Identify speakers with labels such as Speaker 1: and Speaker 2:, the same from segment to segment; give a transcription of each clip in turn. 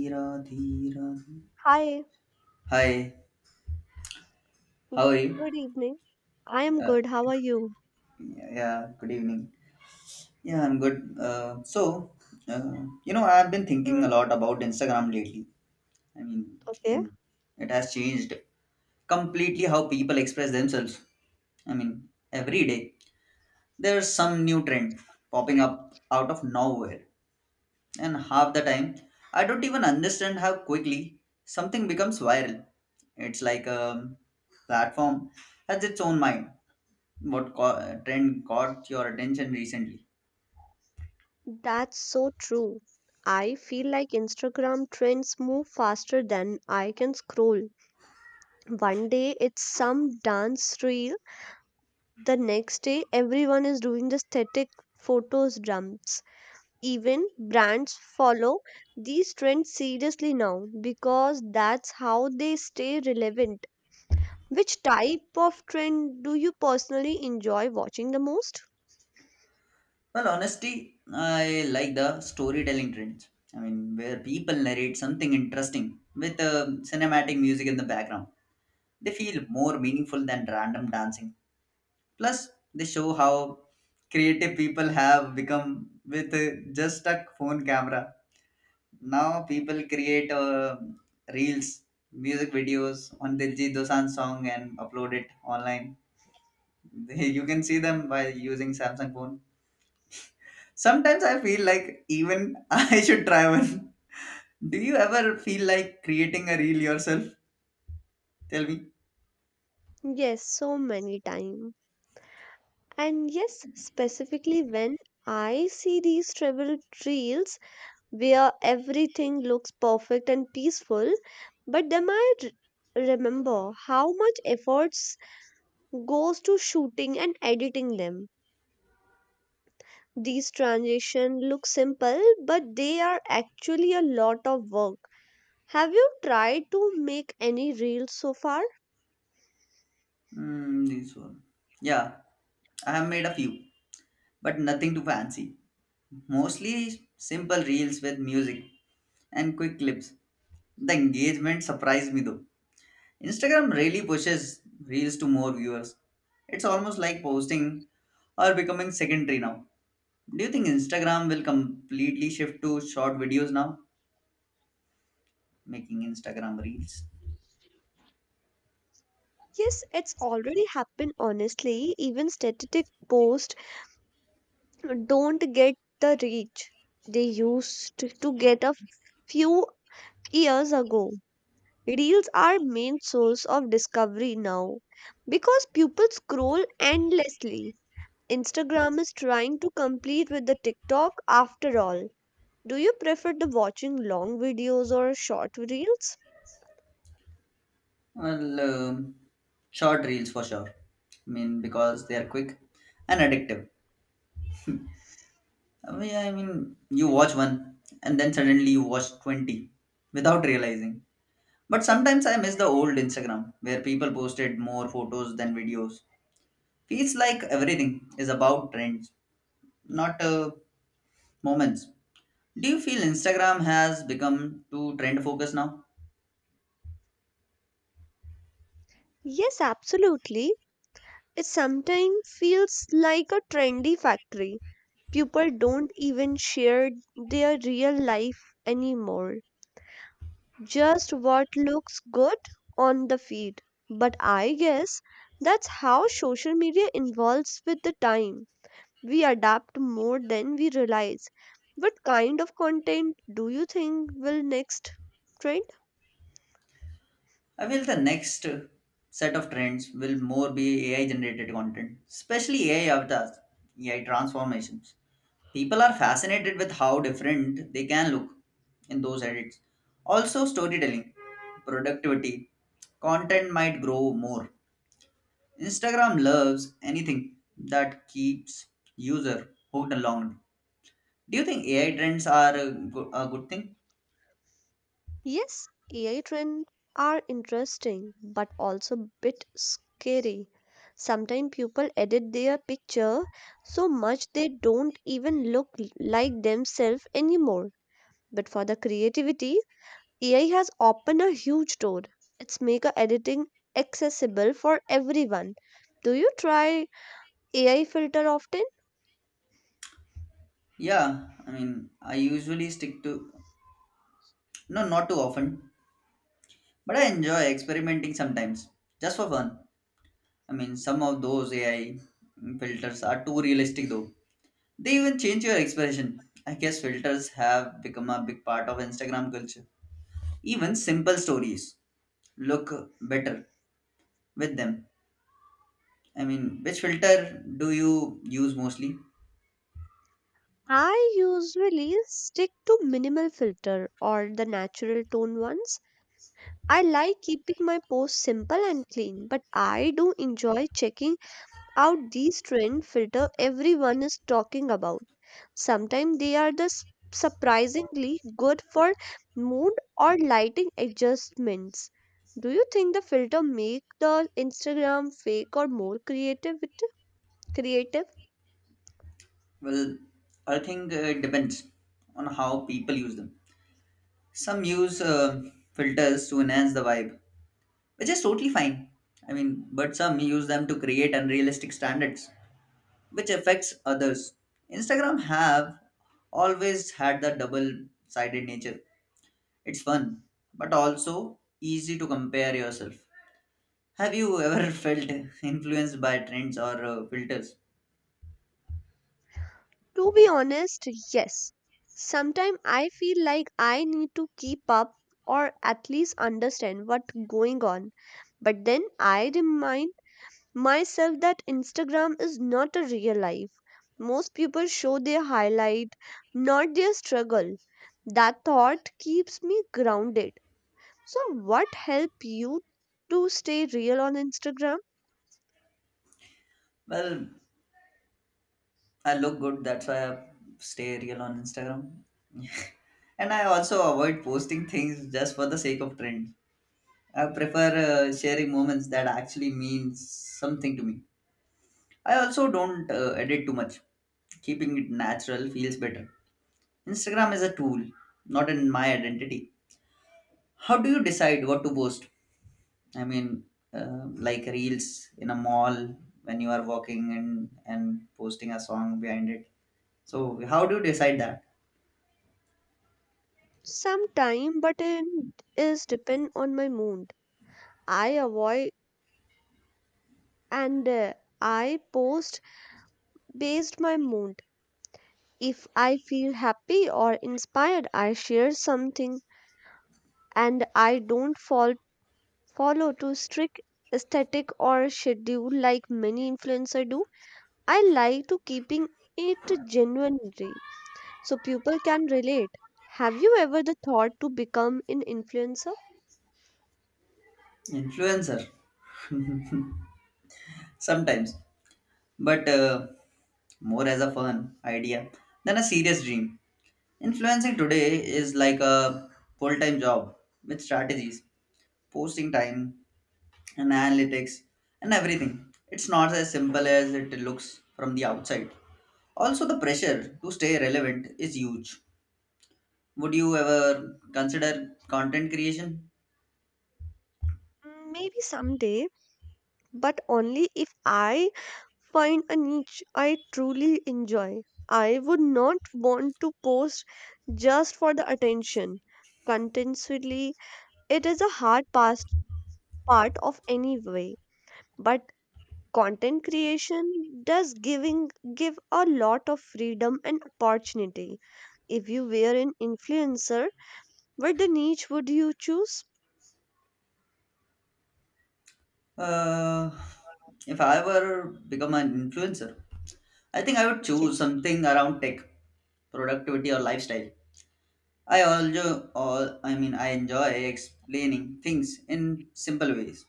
Speaker 1: Dhira, Dhira.
Speaker 2: Hi,
Speaker 1: Hi,
Speaker 2: g-
Speaker 1: how are you?
Speaker 2: good evening. I am
Speaker 1: Uh,
Speaker 2: good. How are you?
Speaker 1: yeah, yeah, good evening. Yeah, I'm good. Uh, I've been
Speaker 2: Hmm.
Speaker 1: thinking a lot about Instagram lately. I mean,
Speaker 2: Okay,
Speaker 1: and it has changed completely how people express themselves. I mean, every day there's some new trend popping up out of nowhere, and half the time I don't even understand how quickly something becomes viral. It's like a platform has its own mind. What trend caught your attention recently?
Speaker 2: that's so true. I feel like Instagram trends move faster than I can scroll. One day it's some dance reel, the next day everyone is doing the static photos dumps. Even brands follow these trends seriously now because that's how they stay relevant. Which type of trend do you personally enjoy watching the most?
Speaker 1: Well, honestly, I like the storytelling trends. I mean, where people narrate something interesting with cinematic music in the background. They feel more meaningful than random dancing. Plus, they show how creative people have become with just a phone camera. Now, people create reels, music videos on Diljit Dosanjh song and upload it online. You can see them by using samsung phone. Sometimes I feel like even I should try one. Do you ever feel like creating a reel yourself? Tell me.
Speaker 2: Yes, so many times. And yes, specifically when I see these travel trails where everything looks perfect and peaceful, but then I remember how much efforts goes to shooting and editing them. These transition look simple, but they are actually a lot of work. Have you tried to make any reels so far?
Speaker 1: Mm, this one Yeah, I have made a few, but nothing too fancy, mostly simple reels with music and quick clips. The engagement surprised me though. Instagram really pushes reels to more viewers. It's almost like posting or becoming secondary now. Do you think Instagram will completely shift to short videos now? Making Instagram reels?
Speaker 2: Yes, it's already happened honestly. Even static posts don't get the reach they used to get a few years ago. Reels are main source of discovery now because people scroll endlessly. Instagram is trying to compete with the TikTok after all. Do you prefer the watching long videos or short reels?
Speaker 1: Well, um Short reels for sure. I mean, because they are quick and addictive. I mean, you watch one and then suddenly you watch 20 without realizing. But sometimes I miss the old Instagram where people posted more photos than videos. Feels like everything is about trends, not moments. Do you feel Instagram has become too trend focused now?
Speaker 2: Yes, absolutely. It sometimes feels like a trendy factory. People don't even share their real life anymore, just what looks good on the feed. But I guess that's how social media evolves with the time. We adapt more than we realize. What kind of content do you think will next trend?
Speaker 1: I feel the next set of trends will more be AI generated content, especially AI avatars, AI transformations. People are fascinated with how different they can look in those edits. Also, storytelling, productivity, content might grow more. Instagram loves anything that keeps user hooked along. Do you think AI trends are a good thing?
Speaker 2: Yes, AI trends are interesting but also a bit scary. Sometimes people edit their picture so much they don't even look like themselves anymore. But for the creativity, AI has opened a huge door. It's make a editing accessible for everyone. Do you try AI filter often?
Speaker 1: Yeah, I mean, I usually stick to no, not too often. But I enjoy experimenting sometimes, just for fun. I mean, some of those AI filters are too realistic though. They even change your expression. I guess filters have become a big part of Instagram culture. Even simple stories look better with them. I mean, which filter do you use mostly?
Speaker 2: I usually stick to minimal filter or the natural tone ones. I like keeping my posts simple and clean, but I do enjoy checking out these trend filter everyone is talking about. Sometimes they are surprisingly good for mood or lighting adjustments. Do you think the filter make the Instagram fake or more creative? Creative?
Speaker 1: Well, I think it depends on how people use them. Some use filters to enhance the vibe, which is totally fine. I mean, but some use them to create unrealistic standards, which affects others. Instagram have always had the double-sided nature. It's fun, but also easy to compare yourself. Have you ever felt influenced by trends or filters?
Speaker 2: To be honest, yes. Sometimes I feel like I need to keep up or at least understand what's going on. But then I remind myself that Instagram is not a real life. Most people show their highlight, not their struggle. That thought keeps me grounded. So, what help you to stay real on Instagram?
Speaker 1: Well, I look good, that's why I stay real on Instagram. And I also avoid posting things just for the sake of trends. I prefer sharing moments that actually means something to me. I also don't edit too much. Keeping it natural feels better. Instagram is a tool, not in my identity. How do you decide what to post? I mean, like reels in a mall when you are walking and posting a song behind it. So how do you decide that?
Speaker 2: Some time, but it is depend on my mood. I avoid, and I post based my mood. If I feel happy or inspired, I share something, and I don't follow to strict aesthetic or schedule like many influencers do. I like to keeping it genuinely so people can relate. Have you ever the thought to become an influencer?
Speaker 1: Influencer. Sometimes, but more as a fun idea than a serious dream. Influencing today is like a full time job with strategies, posting time, and analytics, and everything. It's not as simple as it looks from the outside. Also, the pressure to stay relevant is huge. Would you ever consider content creation?
Speaker 2: Mm, maybe someday, but only if I find a niche I truly enjoy. I would not want to post just for the attention. Contentiously, it is a hard past part of any way. But content creation does giving give a lot of freedom and opportunity. If you were an influencer, what the niche would you choose?
Speaker 1: Uh, if I ever become an influencer, I think I would
Speaker 2: Yes.
Speaker 1: choose something around tech, productivity, or lifestyle. I mean, I enjoy explaining things in simple ways.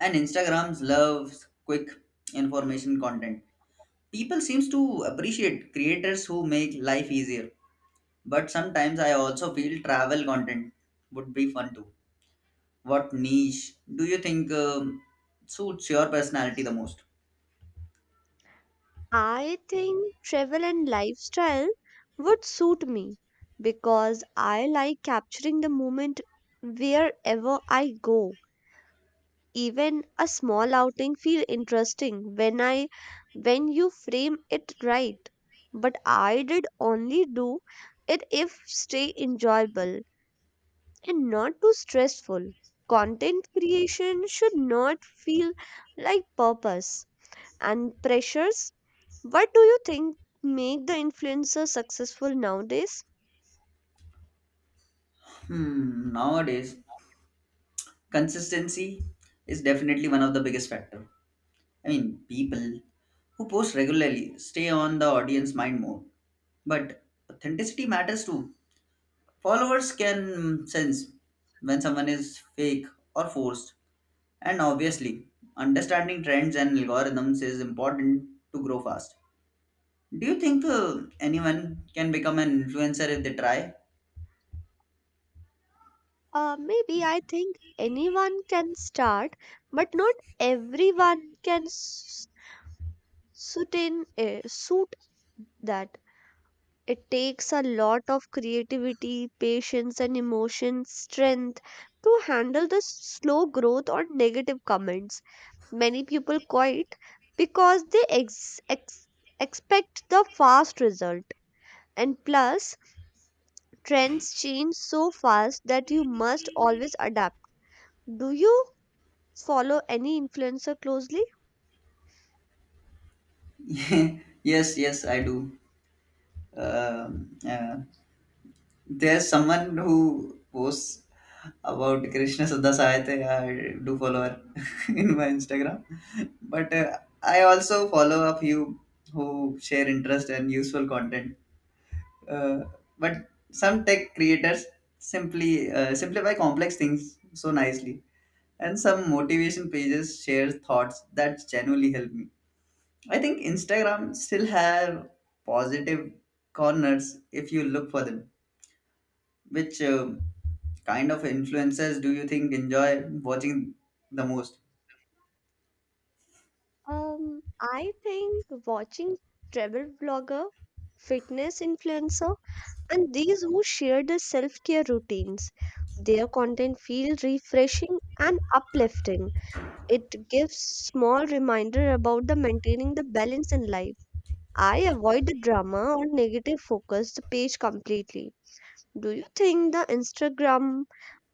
Speaker 1: And Instagrams loves quick information content. People seems to appreciate creators who make life easier. But sometimes I also feel travel content would be fun too. What niche do you think suits your personality the most?
Speaker 2: I think travel and lifestyle would suit me because I like capturing the moment wherever I go. Even a small outing feel interesting when I when you frame it right. But I did only do it if stay enjoyable and not too stressful. Content creation should not feel like purpose and pressures. What do you think make the influencer successful nowadays?
Speaker 1: Hmm, nowadays, consistency is definitely one of the biggest factor. I mean, people who post regularly stay on the audience mind more. But authenticity matters too. Followers can sense when someone is fake or forced. And obviously, understanding trends and algorithms is important to grow fast. Do you think anyone can become an influencer if they try?
Speaker 2: Maybe I think anyone can start, but not everyone can suit in a suit that it takes a lot of creativity, patience, and emotion strength to handle the slow growth or negative comments. Many people quit because they expect the fast result. And plus, trends change so fast that you must always adapt. Do you follow any influencer closely?
Speaker 1: Yes, yes, I do. Um, uh, There's someone who posts about Krishna Sudha Sahitya. I do follow her in my Instagram. But I also follow a few who share interest and useful content. Uh, but some tech creators simply simplify complex things so nicely. And some motivation pages share thoughts that genuinely help me. I think Instagram still have positive corners if you look for them. Which kind of influencers do you think enjoy watching the most?
Speaker 2: I think watching travel vlogger, fitness influencer, and these who share the self-care routines, their content feels refreshing and uplifting. It gives small reminder about the maintaining the balance in life. I avoid the drama or negative focus the page completely. Do you think the Instagram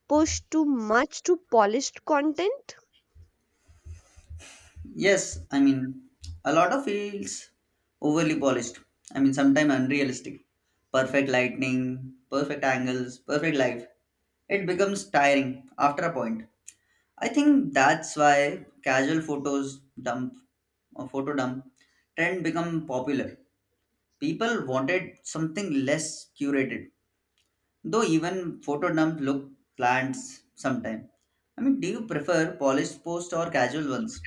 Speaker 2: push too much to polished content?
Speaker 1: Yes, I mean, a lot of feels overly polished. I mean, sometimes unrealistic. Perfect lighting, perfect angles, perfect life. It becomes tiring after a point. I think that's why casual photos dump or photo dump trend become popular. People wanted something less curated. Though even photo dumps look plants sometimes. I mean, do you prefer polished posts or casual ones?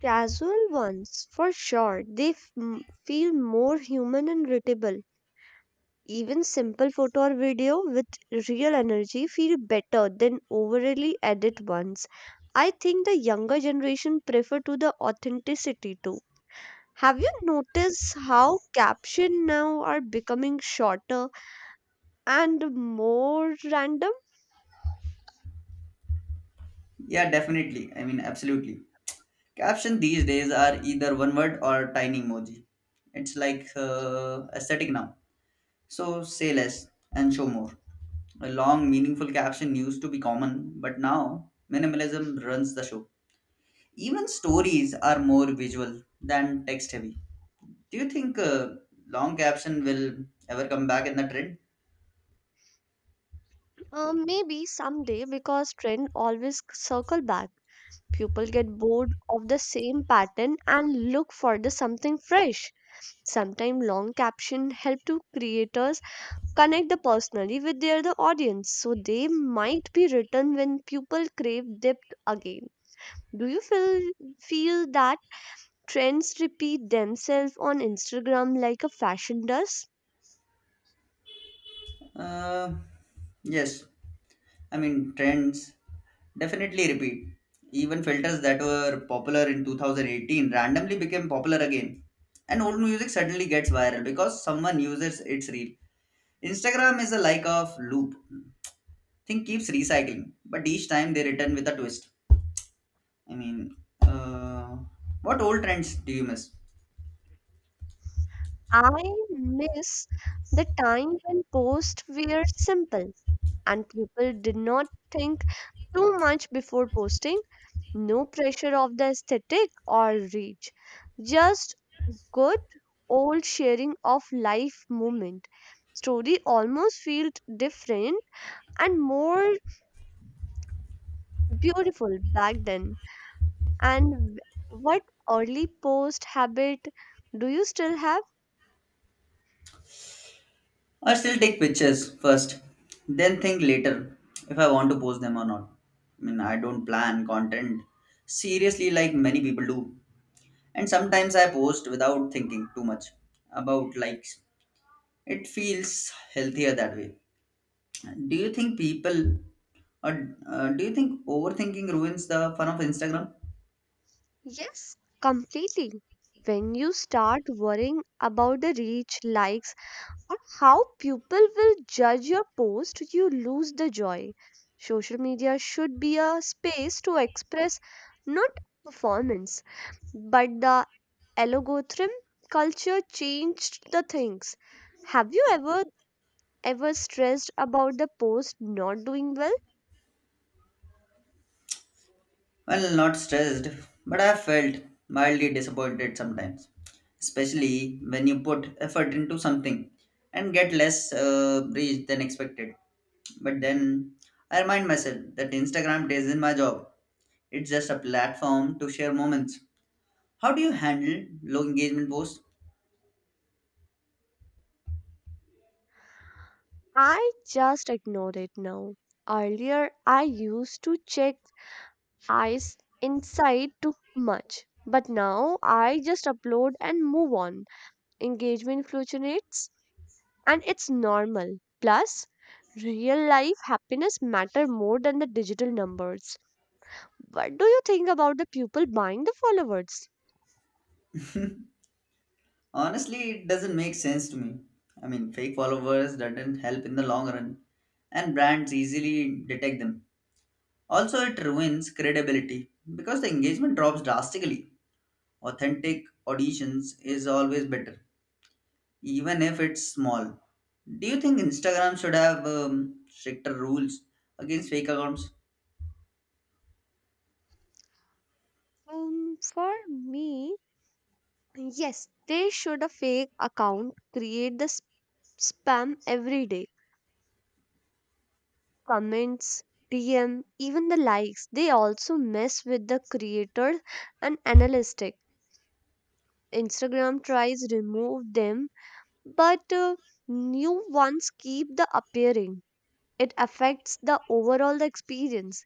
Speaker 2: Casual ones, for sure. They feel more human and readable. Even simple photo or video with real energy feel better than overly edited ones. I think the younger generation prefer to the authenticity too. Have you noticed how caption now are becoming shorter and more random?
Speaker 1: Yeah, definitely. I mean, absolutely. Caption these days are either one word or tiny emoji. It's like aesthetic now. So say less and show more. A long, meaningful caption used to be common, but now minimalism runs the show. Even stories are more visual than text heavy. Do you think long caption will ever come back in the trend?
Speaker 2: Maybe someday because trend always circle back. People get bored of the same pattern and look for the something fresh. Sometimes long caption help to creators connect the personally with their the audience, so they might be written when people crave depth again. Do you feel that trends repeat themselves on Instagram like a fashion does?
Speaker 1: Uh, yes, I mean, trends definitely repeat. Even filters that were popular in 2018 randomly became popular again. And old music suddenly gets viral because someone uses its reel. Instagram is a like of loop. Thing keeps recycling, but each time they return with a twist. I mean, uh, what old trends do you miss?
Speaker 2: I miss the time when posts were simple and people did not think too much before posting. No pressure of the aesthetic or reach, just good old sharing of life moment. Story almost felt different and more beautiful back then. And what early post habit do you still have?
Speaker 1: I still take pictures first, then think later if I want to post them or not. I mean, I don't plan content seriously like many people do. And sometimes I post without thinking too much about likes. It feels healthier that way. Do you think people do you think overthinking ruins the fun of Instagram?
Speaker 2: Yes, completely. When you start worrying about the reach, likes, on how people will judge your post, you lose the joy. Social media should be a space to express, not performance, but the algorithm culture changed the things. Have you ever stressed about the post not doing well?
Speaker 1: Well, not stressed, but I felt mildly disappointed sometimes, especially when you put effort into something and get less reach than expected. But then I remind myself that Instagram isn't my job, it's just a platform to share moments. How do you handle low engagement posts?
Speaker 2: I just ignore it now. Earlier, I used to check eyes inside too much, but now I just upload and move on. Engagement fluctuates, and it's normal. Plus, real life happiness matter more than the digital numbers. What do you think about the people buying the followers?
Speaker 1: Honestly, it doesn't make sense to me. I mean, fake followers doesn't help in the long run, and brands easily detect them. Also, it ruins credibility because the engagement drops drastically. Authentic auditions is always better, even if it's small. Do you think Instagram should have stricter rules against fake accounts?
Speaker 2: For me, yes, they should. A fake account create spam every day. Comments, DM, even the likes, they also mess with the creators and analytics. Instagram tries remove them, but new ones keep the appearing. It affects the overall experience.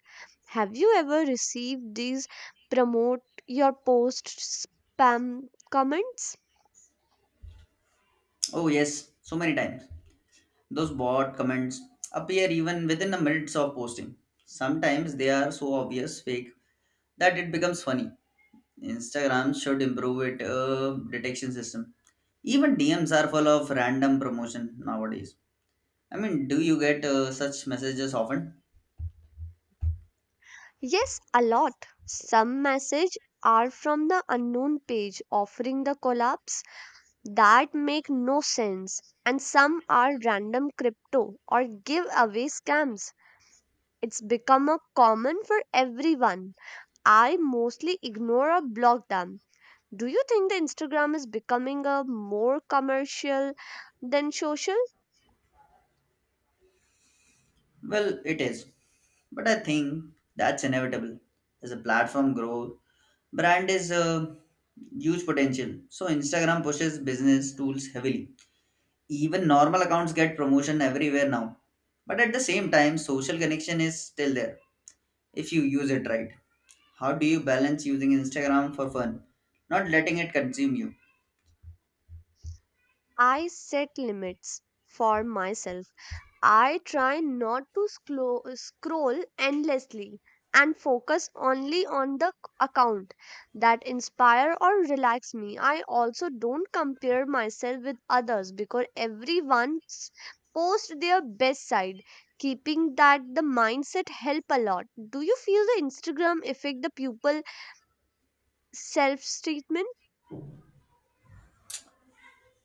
Speaker 2: Have you ever received these promote your post spam comments?
Speaker 1: Oh, yes, so many times. Those bot comments appear even within the minutes of posting. Sometimes they are so obvious fake that it becomes funny. Instagram should improve its detection system. Even DMs are full of random promotion nowadays. I mean, do you get such messages often?
Speaker 2: Yes, a lot. Some message are from the unknown page offering the collab that make no sense, and some are random crypto or giveaway scams. It's become a common for everyone. I mostly ignore or block them. Do you think the Instagram is becoming a more commercial than social?
Speaker 1: Well, it is. But I think that's inevitable. As a platform grow, brand is a huge potential. So Instagram pushes business tools heavily. Even normal accounts get promotion everywhere now. But at the same time, social connection is still there if you use it right. How do you balance using Instagram for fun, not letting it consume you?
Speaker 2: I set limits for myself. I try not to scroll endlessly and focus only on account that inspire or relax me. I also don't compare myself with others because everyone's post their best side. Keeping that the mindset help a lot. Do you feel the Instagram affect the pupil self treatment?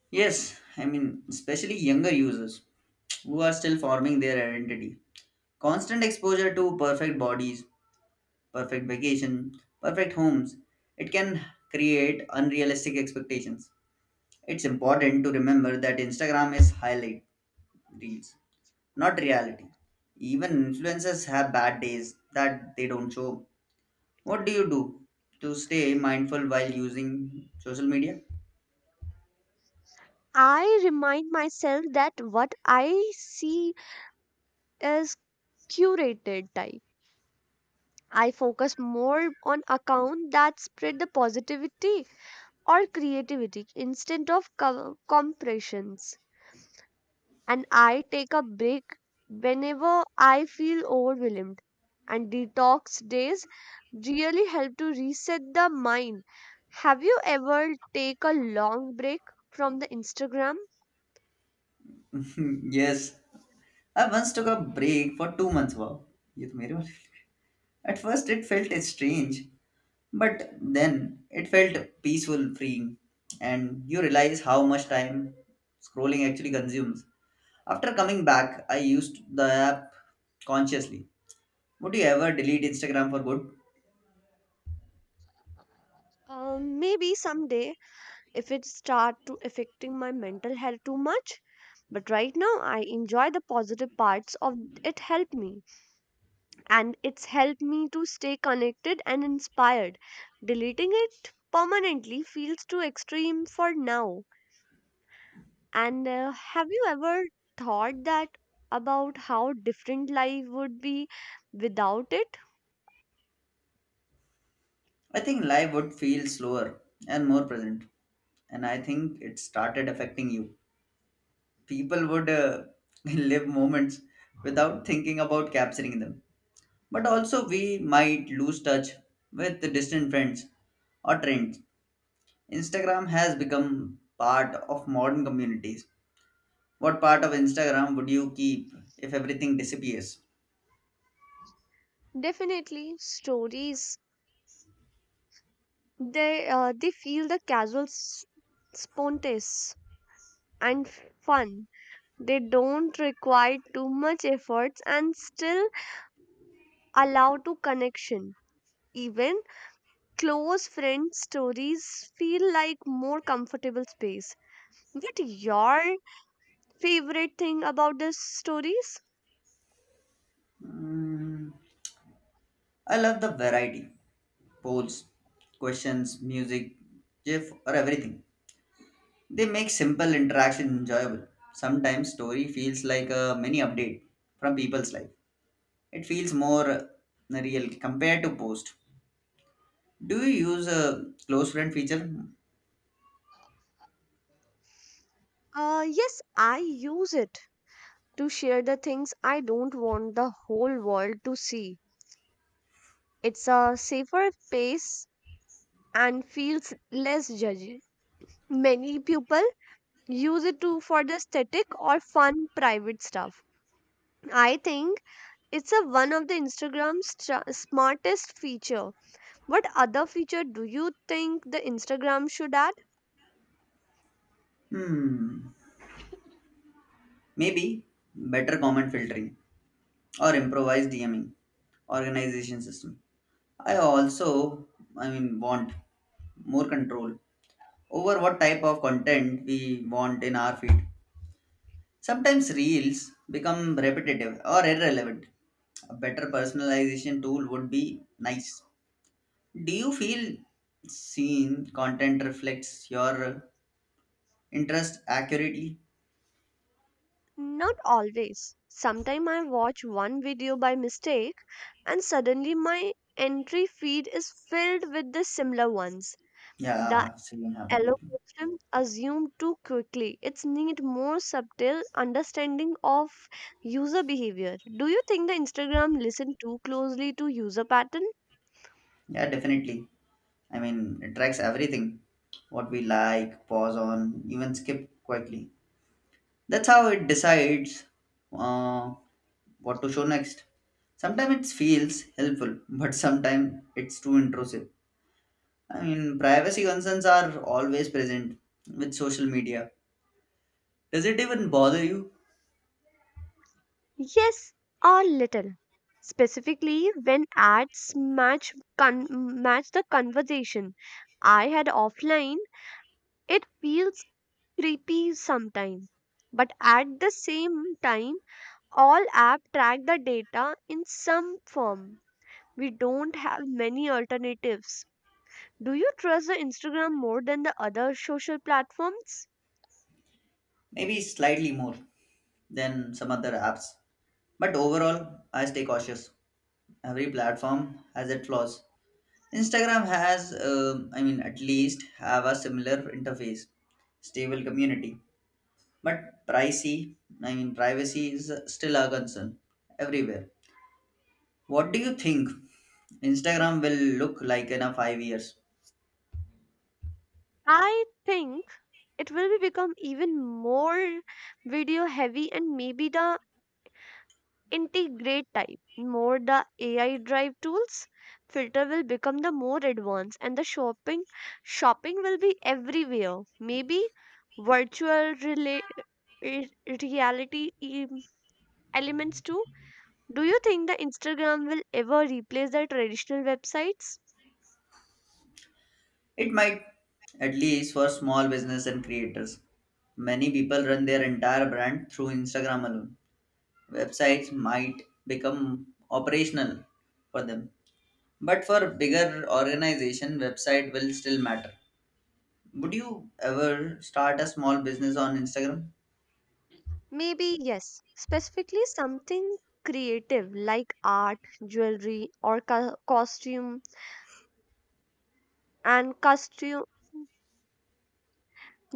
Speaker 1: Yes, I mean, especially younger users who are still forming their identity. Constant exposure to perfect bodies, perfect vacation, perfect homes, it can create unrealistic expectations. It's important to remember that Instagram is highlight reels, not reality. Even influencers have bad days that they don't show. What do you do to stay mindful while using social media?
Speaker 2: I remind myself that what I see is curated type. I focus more on account that spread the positivity or creativity instead of compressions. And I take a break whenever I feel overwhelmed. And detox days really help to reset the mind. Have you ever take a long break from the Instagram?
Speaker 1: Yes, I once took a break for 2 months. Wow, ये तो मेरे वाले- At first, it felt strange. But then it felt peaceful, freeing, and you realize how much time scrolling actually consumes. After coming back, I used the app consciously. Would you ever delete Instagram for good?
Speaker 2: Maybe someday if it start to affecting my mental health too much, but right now I enjoy the positive parts of it, help me, and it's helped me to stay connected and inspired. Deleting it permanently feels too extreme for now. And have you ever thought that about how different life would be without it?
Speaker 1: I think life would feel slower and more present. And I think it started affecting you. People would live moments without thinking about capturing them. But also, we might lose touch with the distant friends or trends. Instagram has become part of modern communities. What part of Instagram would you keep if everything disappears?
Speaker 2: Definitely stories. They they feel the casual, spontaneous, and fun. They don't require too much efforts and still allow to connection. Even close friend stories feel like more comfortable space. What your favorite thing about these stories?
Speaker 1: Mm, I love the variety polls, questions, music, GIF, or everything. They make simple interaction enjoyable. Sometimes story feels like a mini update from people's life. It feels more real compared to post. Do you use a close friend feature?
Speaker 2: Yes, I use it to share the things I don't want the whole world to see. It's a safer space and feels less judgy. Many people use it to for the aesthetic or fun private stuff. I think it's a one of the Instagram's smartest feature. What other feature do you think the Instagram should add?
Speaker 1: Hmm, maybe better comment filtering or improvised DMing organization system. I also, I mean, want more control over what type of content we want in our feed. Sometimes reels become repetitive or irrelevant. A better personalization tool would be nice. Do you feel seen content reflects your interest accurately?
Speaker 2: Not always. Sometimes I watch one video by mistake and suddenly my entry feed is filled with the similar ones. The
Speaker 1: Yeah, same happened with me.
Speaker 2: algorithm assumed too quickly. It's need more subtle understanding of user behavior. Do you think the Instagram listen too closely to user pattern?
Speaker 1: Yeah, definitely. I mean, it tracks everything what we like, pause on, even skip quickly. That's how it decides uh, what to show next. Sometimes it feels helpful, but sometimes it's too intrusive. I mean, privacy concerns are always present with social media. Does it even bother you?
Speaker 2: Yes, a little. Specifically, when ads match match the conversation I had offline, it feels creepy sometimes. But at the same time, all app track the data in some form. We don't have many alternatives. Do you trust the Instagram more than the other social platforms?
Speaker 1: Maybe slightly more than some other apps. But overall, I stay cautious. Every platform has its flaws. Instagram has, I mean, at least have a similar interface, stable community, but pricey. I mean, privacy is still a concern everywhere. What do you think Instagram will look like in a 5 years?
Speaker 2: I think it will be become even more video heavy and maybe the integrate type. More the AI drive tools, filter will become the more advanced, and the shopping will be everywhere. Maybe virtual re- reality elements too. Do you think the Instagram will ever replace the traditional websites?
Speaker 1: It might, at least for small business and creators. Many people run their entire brand through Instagram alone. Websites might become operational for them, but for bigger organization, website will still matter. Would you ever start a small business on Instagram?
Speaker 2: Maybe yes. Specifically something creative like art, jewelry or costume and costume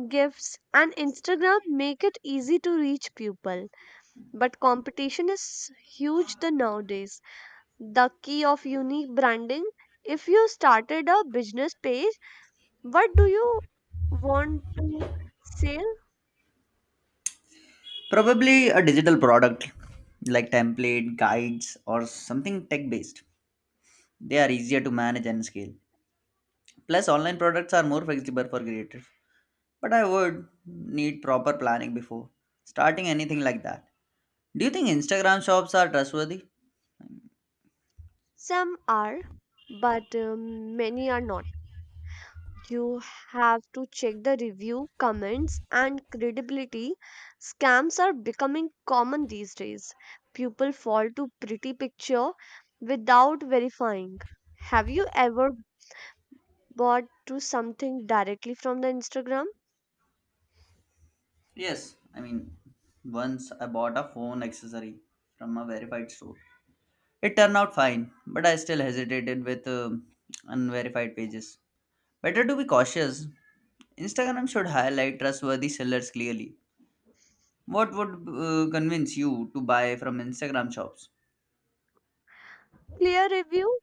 Speaker 2: gifts, and Instagram make it easy to reach people. But competition is huge the nowadays. The key of unique branding. If you started a business page, what do you want to sell?
Speaker 1: Probably a digital product like template, guides, or something tech based. They are easier to manage and scale. Plus, online products are more flexible for creators. But I would need proper planning before starting anything like that. Do you think Instagram shops are trustworthy?
Speaker 2: Some are, but many are not. You have to check the review, comments, and credibility. Scams are becoming common these days. People fall to pretty picture without verifying. Have you ever bought to something directly from the Instagram?
Speaker 1: Yes, I mean, once I bought a phone accessory from a verified store. It turned out fine, but I still hesitated with unverified pages. Better to be cautious. Instagram should highlight trustworthy sellers clearly. What would convince you to buy from Instagram shops?
Speaker 2: Clear review,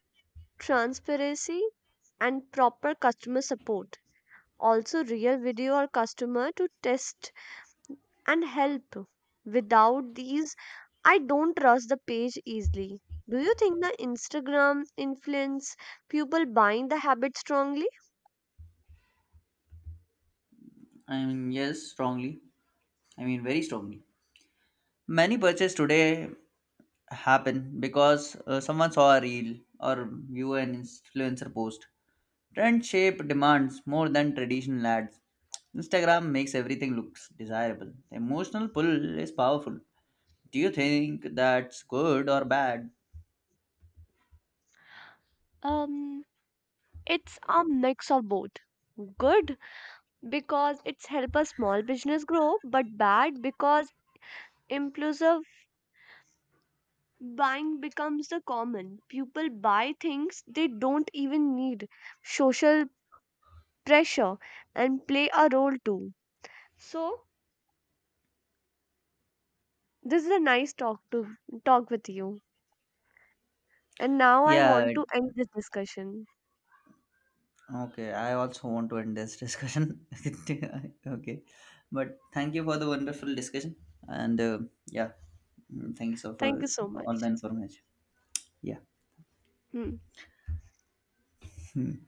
Speaker 2: transparency, and proper customer support. Also, real video or customer to test and help. Without these, I don't trust the page easily. Do you think the Instagram influence people buying the habit strongly?
Speaker 1: I mean, yes, strongly. I mean, very strongly. Many purchases today happen because someone saw a reel or view an influencer post. Trend shape demands more than traditional ads. Instagram makes everything looks desirable. The emotional pull is powerful. Do you think that's good or bad?
Speaker 2: Um, it's a mix of both. Good because it's help a small business grow, but bad because impulsive buying becomes the common. People buy things they don't even need. Social pressure and play a role too. So this is a nice talk to talk with you. And now I want
Speaker 1: Yeah,
Speaker 2: to end this discussion.
Speaker 1: okay, I also want to end this discussion. Okay, but thank you for the wonderful discussion, and yeah, thank you so for
Speaker 2: Thank you so
Speaker 1: all the
Speaker 2: much.
Speaker 1: information. Yeah.
Speaker 2: Hmm.